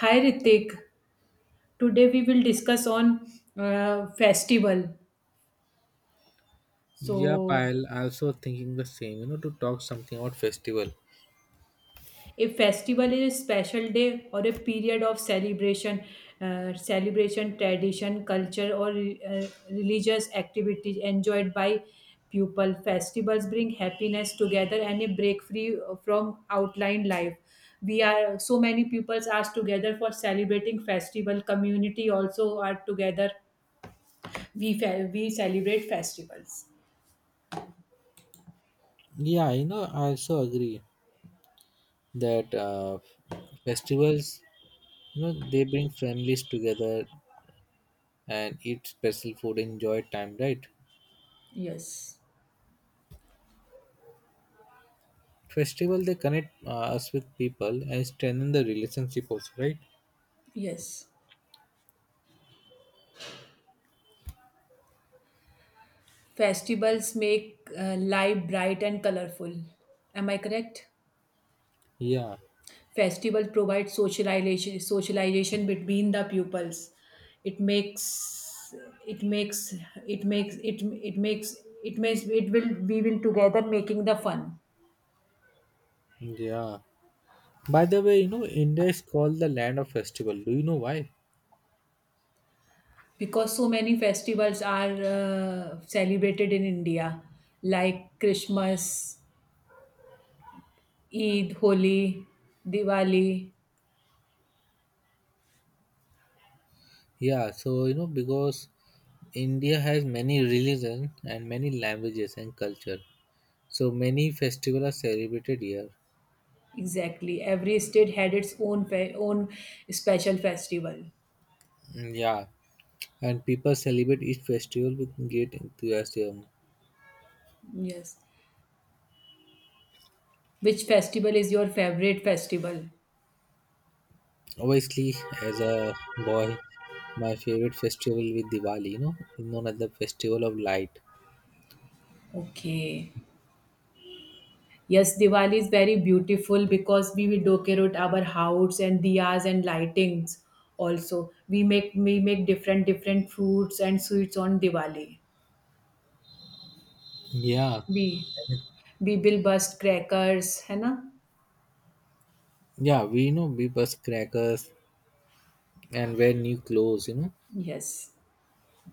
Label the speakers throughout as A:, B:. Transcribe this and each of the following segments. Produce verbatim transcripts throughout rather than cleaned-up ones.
A: Hi Ritik, today we will discuss on uh, festival.
B: Yep,
A: So,
B: I'll also thinking the same. You know, to talk something about festival.
A: a festival is a special day or a period of celebration, uh, celebration, tradition, culture, or uh, religious activities enjoyed by people. Festivals bring happiness together and a break free from outline life. We are so many peoples are together for celebrating festival. Community also are together. We fe- we celebrate festivals.
B: Yeah, you know, I also agree that uh, festivals, you know, they bring families together and eat special food, enjoy time, right?
A: Yes,
B: Festival they connect uh, us with people and strengthen the relationship also, right?
A: yes. Festivals make uh, life bright and colorful. Am I correct?
B: Yeah,
A: Festivals provide socialization, socialization between the pupils. It makes, it makes, it makes, it it makes, it makes, it will, we will together making the fun
B: yeah. By the way, you know, India is called the land of festival. Do you know why?
A: because so many festivals are uh, celebrated in India, like Christmas, Eid, Holi, Diwali.
B: Yeah, so you know because India has many religions and many languages and culture. So many festivals are celebrated here.
A: Exactly. Every state had its own fe- own special festival.
B: Mm, yeah, and people celebrate each festival with great enthusiasm.
A: Yes. Which festival is your favorite festival?
B: Obviously, as a boy, my favorite festival with Diwali, you know, known as the Festival of Light.
A: Okay. Yes, Diwali is very beautiful because we will decorate our house and diyas and lightings also. We make we make different different fruits and sweets on Diwali.
B: Yeah,
A: We we will bust crackers, है ना?
B: yeah, we you know we bust crackers and wear new clothes. you know,
A: Yes.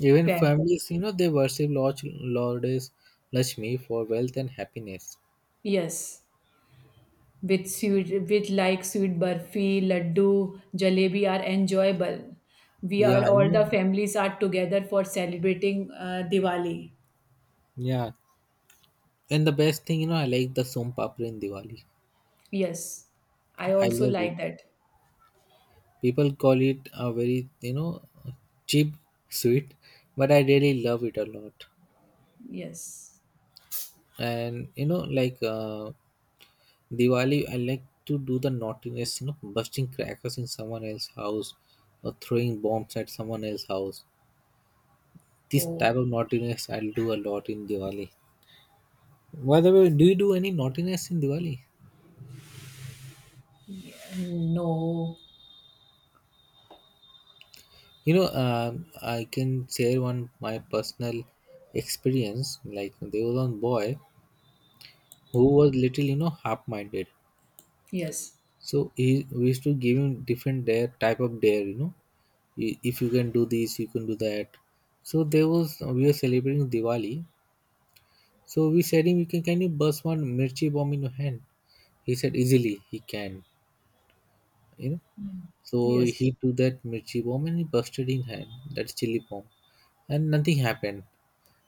B: Even
A: Fair.
B: families, you know, they worship Lord Lordess Lakshmi for wealth and happiness.
A: Yes. with sweet with like sweet burfi laddu jalebi are enjoyable. We
B: Yeah,
A: are
B: I
A: all
B: know.
A: the families are together for celebrating uh, diwali.
B: Yeah. And the best thing, you know, I like the som papri in Diwali.
A: Yes, I
B: I
A: also
B: love it.
A: like that.
B: People call it a very, you know, cheap sweet, but I really love it a lot.
A: Yes.
B: And you know, like uh, Diwali, I like to do the naughtiness, you know, busting crackers in someone else's house or throwing bombs at someone else's house. This
A: Oh.
B: type of naughtiness I'll do a lot in Diwali. By the way, do you do any naughtiness in Diwali?
A: Yeah. No.
B: You know, um, I can share one my personal experience. Like there was one boy who was little, you know, half-minded.
A: Yes.
B: So he we used to give him different dare type of dare. You know, i- if you can do this, you can do that. So there was we were celebrating Diwali. So we said him, you can can you burst one mirchi bomb in your hand? He said easily he can. You know, so
A: Yes.
B: he took that mirchi bomb and he busted in hand. That's chili bomb and nothing happened.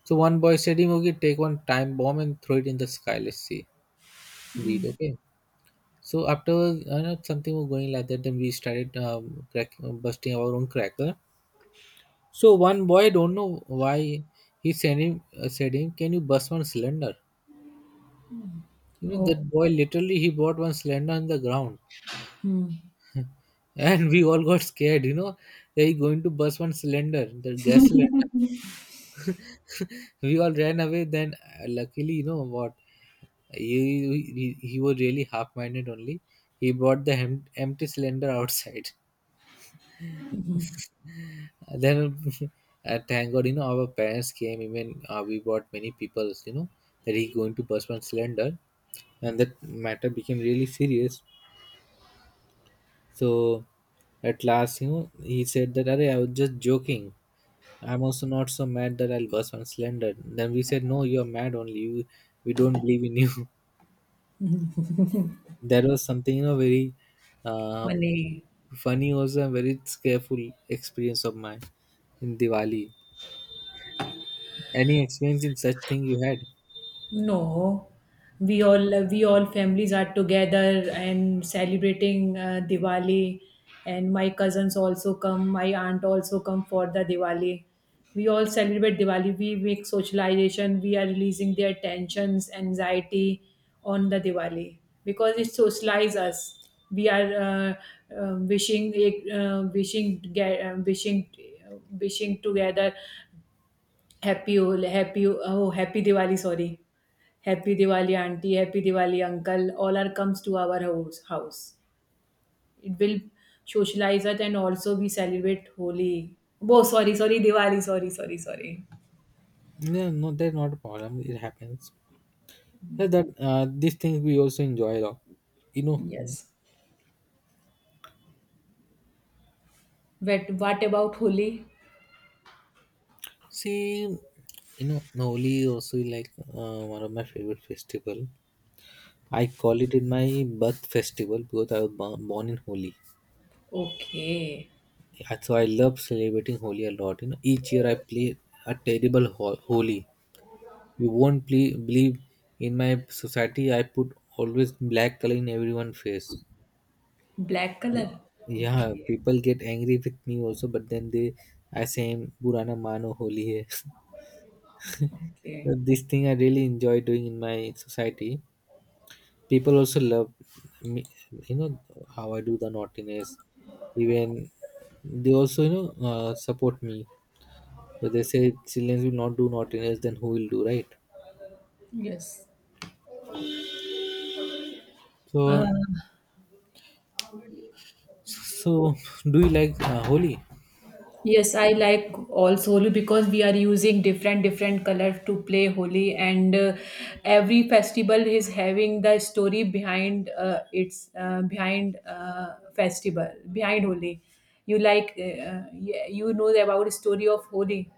B: So one boy said, "Him, okay, take one time bomb and throw it in the sky. Let's see. Indeed, okay." So afterwards, I know something was going like that. Then we started um, crack, uh, busting our own cracker. So one boy, don't know why, he sent him uh, said him, "Can you bust one cylinder?" You know
A: Oh.
B: that boy literally he bought one cylinder on the ground, and we all got scared. You know, they going to bust one cylinder, the gas cylinder. We all ran away, then uh, luckily you know what, he, he, he was really half-minded only. He brought the hem- empty cylinder outside. Then uh, thank god, you know our parents came. Even uh, we brought many people, you know that he going to burst one cylinder, and that matter became really serious. So at last, you know he said that, "Arey, I was just joking. I'm also not so mad that I will burst was slender." Then we said, "No, you're mad only. You, we don't believe in you." That was something, you know, very uh,
A: Funny.
B: funny also, and very scareful experience of mine in Diwali. Any experience in such thing you had?
A: No, we all we all families are together and celebrating uh, Diwali, and my cousins also come. My aunt also come for the Diwali. We all celebrate Diwali. We make socialization. We are releasing their tensions, anxiety on the Diwali because it socializes us. We are uh, uh, wishing, uh, wishing, toge- uh, wishing, uh, wishing together. Happy Hol- Happy oh Happy Diwali, sorry. Happy Diwali auntie, Happy Diwali uncle. All are comes to our house. house. It will socialize it and also we celebrate Holi. Oh, sorry, sorry, Diwali, sorry, sorry, sorry.
B: No, no, that's not a problem. It happens. Yeah, that uh, these things we also enjoy a lot. You know,
A: Yes. But what about Holi?
B: see, you know, Holi also like uh, one of my favorite festival. I call it in my birth festival because I was bo- born in Holi.
A: Okay.
B: Yeah, so I love celebrating Holi a lot. You know, each year I play a terrible ho- Holi. You won't ple- believe, in my society I put always black color in everyone's face.
A: Black color.
B: Yeah,
A: Okay.
B: people get angry with me also, but then they I say Purana Mano Holi hai. So
A: Okay.
B: this thing I really enjoy doing in my society. People also love me, you know how I do the naughtiness. Even they also, you know uh, support me, but they say children will not do naughtiness, then who will do, right?
A: Yes. Uh,
B: So so do you like uh, Holi?
A: Yes, I like also Holi because we are using different different colors to play Holi, and uh, every festival is having the story behind uh, its uh, behind uh, festival behind Holi. You like uh, uh, yeah, you know about story of Holi,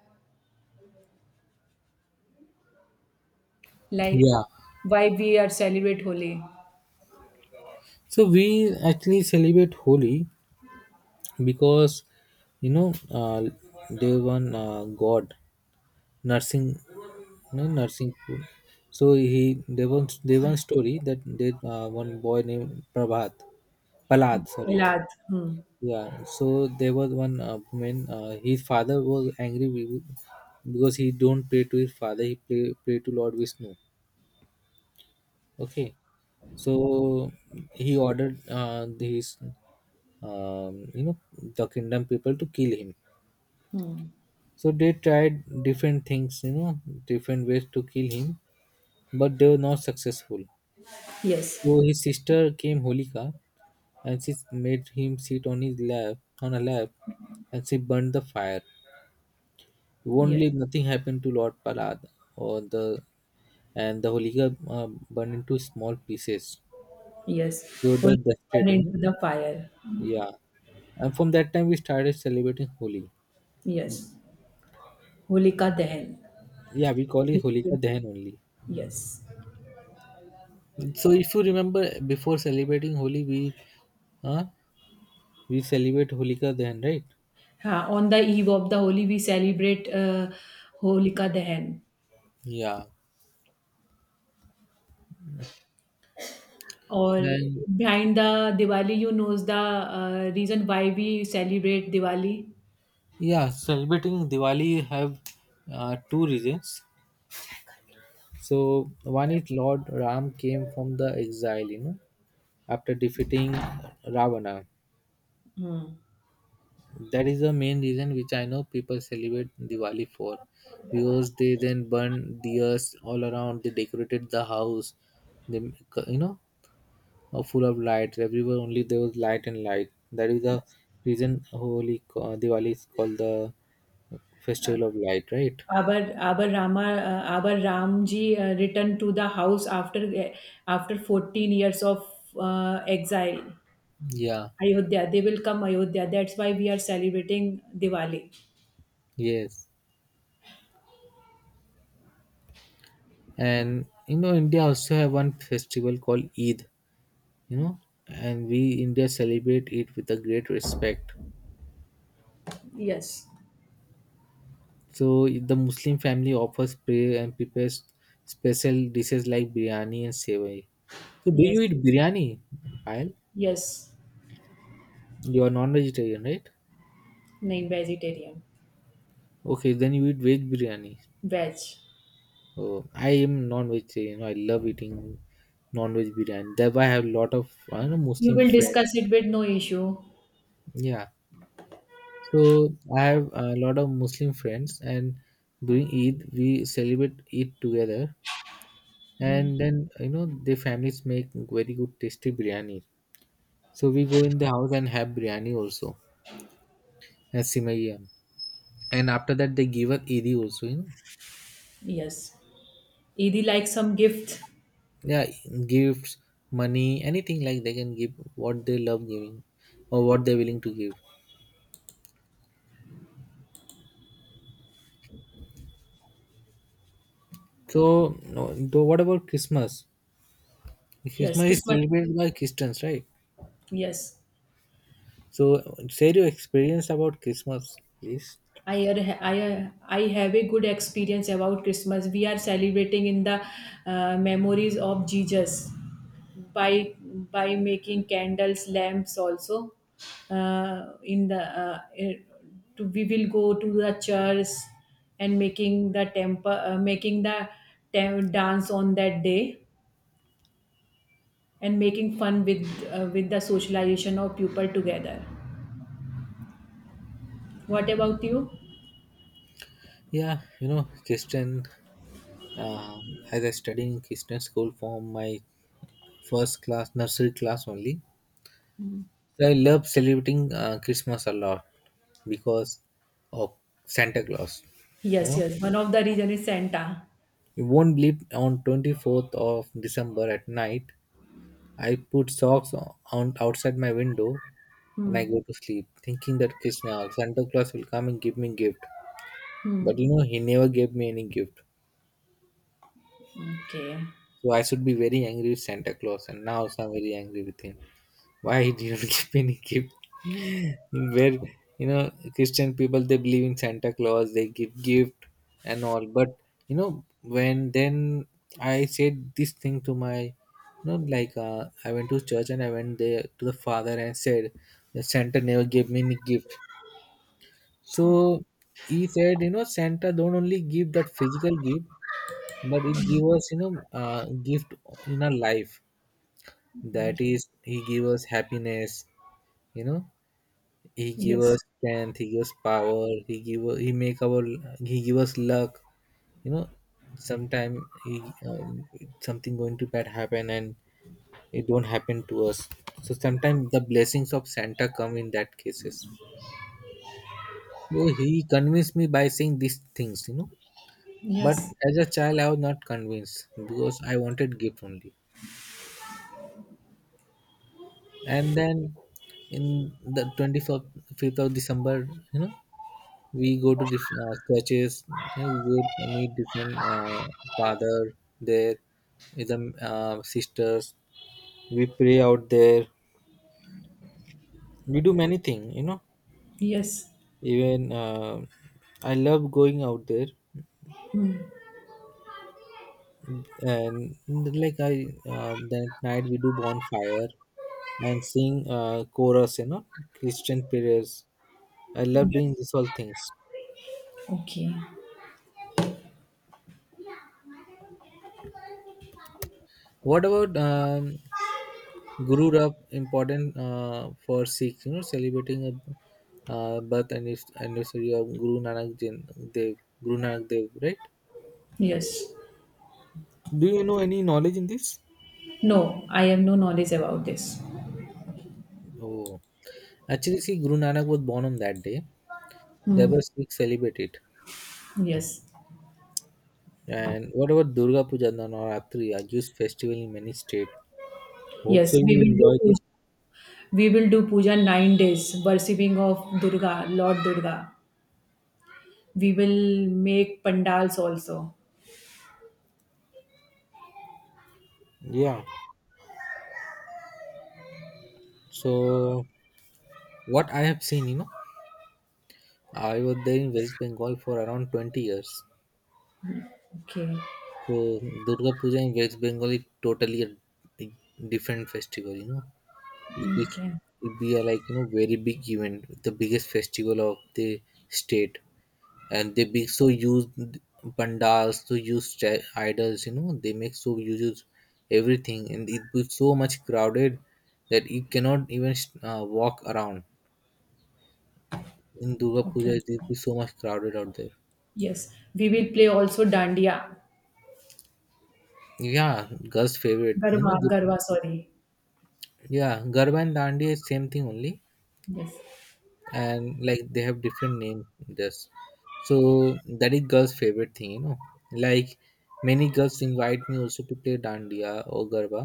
A: like
B: Yeah,
A: why we are celebrate Holi.
B: so we actually celebrate Holi because you know uh, there one uh, god Nursing. No, Nursing. So he, there was there one story that there uh, one boy named Prabhat. Palad, sorry.
A: Milad. Hmm.
B: Yeah, so there was one uh, woman. Uh, his father was angry with, because he don't pray to his father. He pray, pray to Lord Vishnu. Okay, so he ordered uh, these um, you know the kingdom people to kill him.
A: Hmm.
B: So they tried different things, you know, different ways to kill him, but they were not successful.
A: Yes.
B: So his sister came Holika, and she made him sit on his lap on a lap, and she burned the fire. Only
A: Yes.
B: nothing happened to Lord Parad, or the and the Holika uh, burned into small pieces.
A: Yes.
B: They were
A: Holi
B: just destroyed,
A: burned
B: you know?
A: into the fire.
B: Yeah. And from that time we started celebrating Holi.
A: Yes. Holika Dahan.
B: Yeah, we call it
A: Which
B: Holika
A: will-
B: Dahan only.
A: Yes.
B: So if you remember, before celebrating Holi we uh, we celebrate Holika Dahan, right?
A: हाँ, on the eve of the Holi we celebrate uh, Holika Dahan.
B: Yeah.
A: Or
B: And
A: behind the Diwali, you knows the uh, reason why we celebrate Diwali.
B: yeah, celebrating Diwali have uh, two reasons. So one is Lord Ram came from the exile, you know, after defeating Ravana. That is the main reason which I know people celebrate Diwali for, because they then burn deers all around, they decorated the house, they you know are full of lights everywhere. Only there was light and light, that is the reason Holy, uh, Diwali is called the Festival of Light, right?
A: Our our Rama uh, our Ramji uh, returned to the house after uh, after fourteen years of uh, exile.
B: Yeah.
A: Ayodhya, they will come Ayodhya. That's why we are celebrating Diwali.
B: Yes, and you know India also have one festival called Eid, you know and we India celebrate it with a great respect.
A: Yes,
B: So the Muslim family offers prayer and prepares special dishes like biryani and sevai. So do you
A: yes,
B: eat biryani, Payal?
A: yes.
B: You are non-vegetarian, right?
A: Nahin vegetarian,
B: Okay, then you eat veg biryani.
A: veg.
B: Oh, I am non-vegetarian. I love eating non-veg biryani. That's why I have a lot of I know
A: You
B: Muslim
A: will
B: friends.
A: discuss it with no issue.
B: Yeah. So I have a lot of Muslim friends, and during Eid we celebrate Eid together. And then you know their families make very good tasty biryani. So we go in the house and have biryani also, and simaiyam. And after that they give us Eid also, you know.
A: Yes. Idi like some gift.
B: Yeah, gifts, money, anything like they can give what they love giving or what they're willing to give. So, no, though what about Christmas?
A: Yes,
B: Christmas is
A: Christmas.
B: celebrated by Christians, right?
A: Yes.
B: So share your experience about Christmas, please.
A: I ar- I ar- I have a good experience about Christmas. We are celebrating in the uh, memories of Jesus by by making candles, lamps also. Uh, in the uh, eh, to, we will go to the church and making the temple, uh, making the tem- dance on that day and making fun with uh, with the socialization of people together. What about you?
B: Yeah, you know, Christian, uh, as I studied in Christian school from my first class, nursery class only. So I love celebrating uh, Christmas a lot because of Santa Claus. You
A: Yes,
B: know,
A: yes. One of the region is Santa.
B: you won't believe, on twenty-fourth of December at night, I put socks on outside my window and I
A: Hmm.
B: go to sleep thinking that Krishna, Santa Claus will come and give me gift.
A: Hmm.
B: But you know, he never gave me any gift.
A: Okay.
B: So I should be very angry with Santa Claus, and now so I'm very angry with him. Why he didn't give any gift? Where you know Christian people, they believe in Santa Claus, they give gift and all. But you know when then I said this thing to my, you know like uh, I went to church and I went there to the father and said that Santa never gave me any gift. So he said, you know Santa don't only give that physical gift, but it give us, you know uh, gift in our life. That is, he give us happiness, you know He give
A: Yes.
B: us strength. He gives power. He give he make our he give us luck. You know, sometime he uh, something going to bad happen, and it don't happen to us. So sometimes the blessings of Santa come in that cases. So he convinced me by saying these things, You know, but
A: Yes.
B: as a child I was not convinced because I wanted gift only. And then in the twenty fifth of December, you know, we go to different uh, churches. you know, we go meet different uh, father there, is a uh, sisters, we pray out there, we do many things, you know
A: Yes.
B: even uh, I love going out there, and like I uh, that night we do bonfire and sing uh, chorus, you know Christian prayers. I love doing
A: Yes.
B: these all things.
A: Okay.
B: What about um, Guru Rap important uh, for Sikhs? You know, celebrating a uh, birth anniv- anniversary of Guru Nanak Jin, Dev, Guru Nanak Dev, right?
A: Yes.
B: Do you know any knowledge in this?
A: No, I have no knowledge about this.
B: Oh, actually, see, Guru Nanak was born on that day.
A: Hmm.
B: Therefore, Sikhs celebrate it.
A: Yes.
B: And what about Durga Puja and Navaratri, a huge festival in many states? Hope so
A: Yes.
B: you
A: We will do
B: enjoy this.
A: puja. We will do puja nine days, worshipping of Durga, Lord Durga. We will make pandals also.
B: Yeah. So what I have seen, you know, I was there in West Bengal for around twenty years.
A: Okay.
B: So Durga Puja in West Bengal is totally a a different festival, you know. This
A: Okay.
B: will be a, like you know very big event, the biggest festival of the state, and they big so use pandals, so use sta- idols, you know. They make so you use everything, and it was so much crowded that you cannot even uh, walk around. In Durga Puja,
A: Okay.
B: it will be so much crowded out there.
A: Yes, we will play also dandiya,
B: Yeah, girls' favorite, you
A: garba,
B: know. the-
A: garba, sorry.
B: Yeah, Garba and Dandi is same thing only,
A: Yes.
B: and like they have different name just, so that is girls favorite thing, you know like many girls invite me also to play dandiya or garba,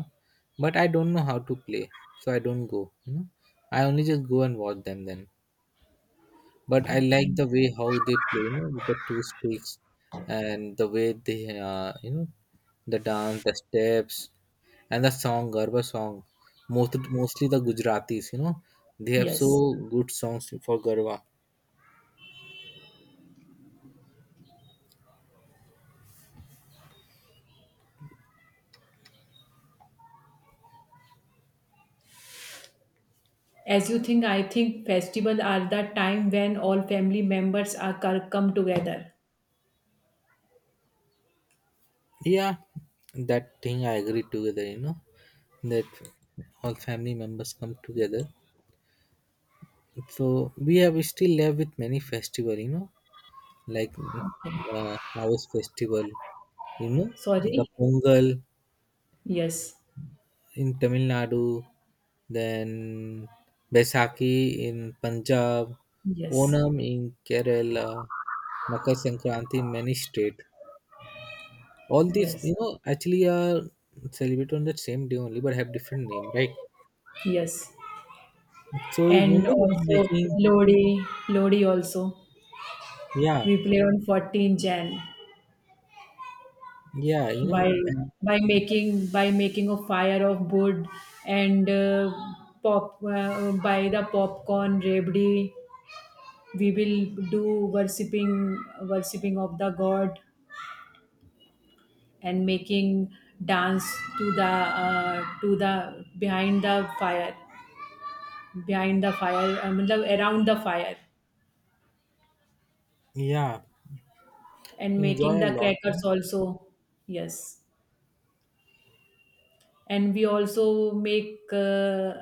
B: but I don't know how to play, so I don't go, you know I only just go and watch them then. But I
A: Okay.
B: like the way how they play, you know with the two sticks, and the way they, uh, you know the dance, the steps, and the song, garba song. most, mostly the Gujaratis, you know they have so
A: Yes.
B: good songs for garba.
A: As you think, I think festival are the time when all family members are co- come together.
B: Yeah, that thing I agree, together, you know, that all family members come together. So we have still left with many festival, you know, like
A: Okay.
B: uh, harvest festival, you know, the
A: Sorry.
B: Pongal
A: Yes.
B: in Tamil Nadu, then Baisakhi in Punjab,
A: Yes.
B: Onam in Kerala, Makar Sankranti in many state. All these,
A: Yes.
B: you know, actually are celebrated on the same day only, but have different name, right?
A: Yes.
B: So you
A: And
B: remember we were
A: also
B: making,
A: Lodi, Lodi also.
B: yeah,
A: We play on fourteen Jan.
B: yeah, you know,
A: by
B: and
A: by making by making a fire of wood and uh, pop uh, by the popcorn rabdi we will do worshipping worshipping of the god and making dance to the uh, to the behind the fire behind the fire, I mean, around the fire,
B: yeah,
A: and
B: enjoy
A: making
B: a
A: the
B: lot.
A: crackers
B: Hmm?
A: also. Yes. And we also make uh,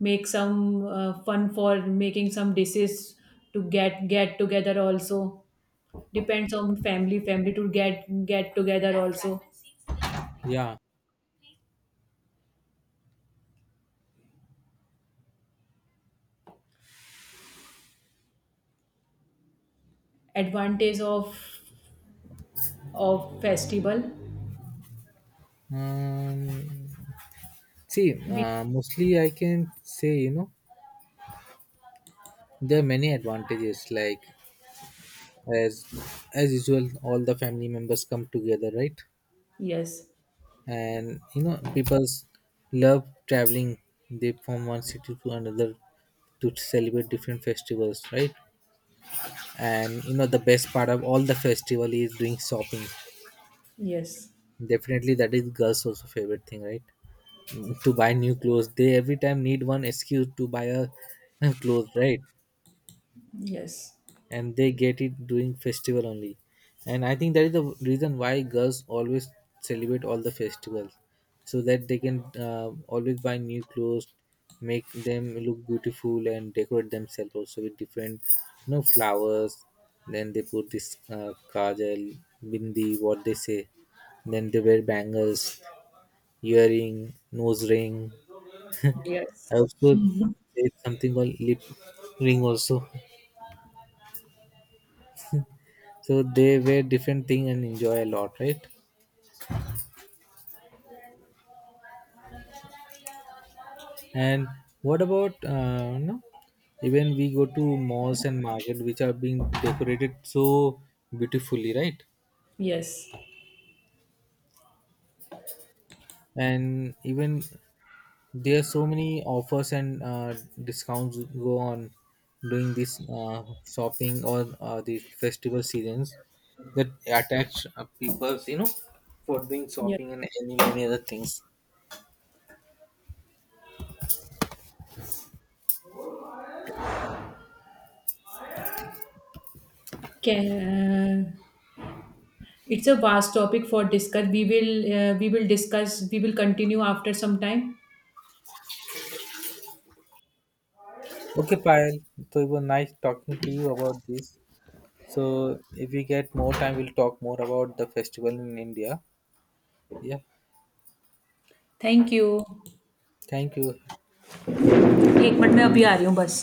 A: make some uh, fun for making some dishes to get get together also, depends on family family to get get together also,
B: Yeah.
A: advantage of of festival,
B: Um, see,
A: we,
B: uh, mostly I can say, you know, there are many advantages. Like as as usual, all the family members come together, right?
A: yes,
B: And you know, people love traveling. They from one city to another to celebrate different festivals, right? And you know, the best part of all the festival is doing shopping.
A: yes,
B: Definitely, that is girls' also favorite thing, right? To buy new clothes, they every time need one excuse to buy a, a clothes, right?
A: yes,
B: And they get it during festival only, and I think that is the reason why girls always celebrate all the festivals, so that they can uh, always buy new clothes, make them look beautiful, and decorate themselves also with different, you know, flowers. Then they put this uh, kajal, bindi, what they say. Then they wear bangles, earring, nose ring. I
A: yes,
B: also did something called lip ring also. So they wear different thing and enjoy a lot, right? And what about uh, no? Even we go to malls and market which are being decorated so beautifully, right?
A: yes,
B: And even there are so many offers and uh, discounts go on during this uh, shopping or uh, the festival seasons, that attach uh, people's, you know, for doing
A: yes,
B: shopping and any many other things.
A: can, uh, it's a vast topic for discuss. We will uh, we will discuss. We will continue after some time.
B: Okay, Payal. So it was nice talking to you about this. So if we get more time, we'll talk more about the festival in India. Yeah.
A: Thank you.
B: Thank you.
A: एक minute में अभी आ रही हूँ बस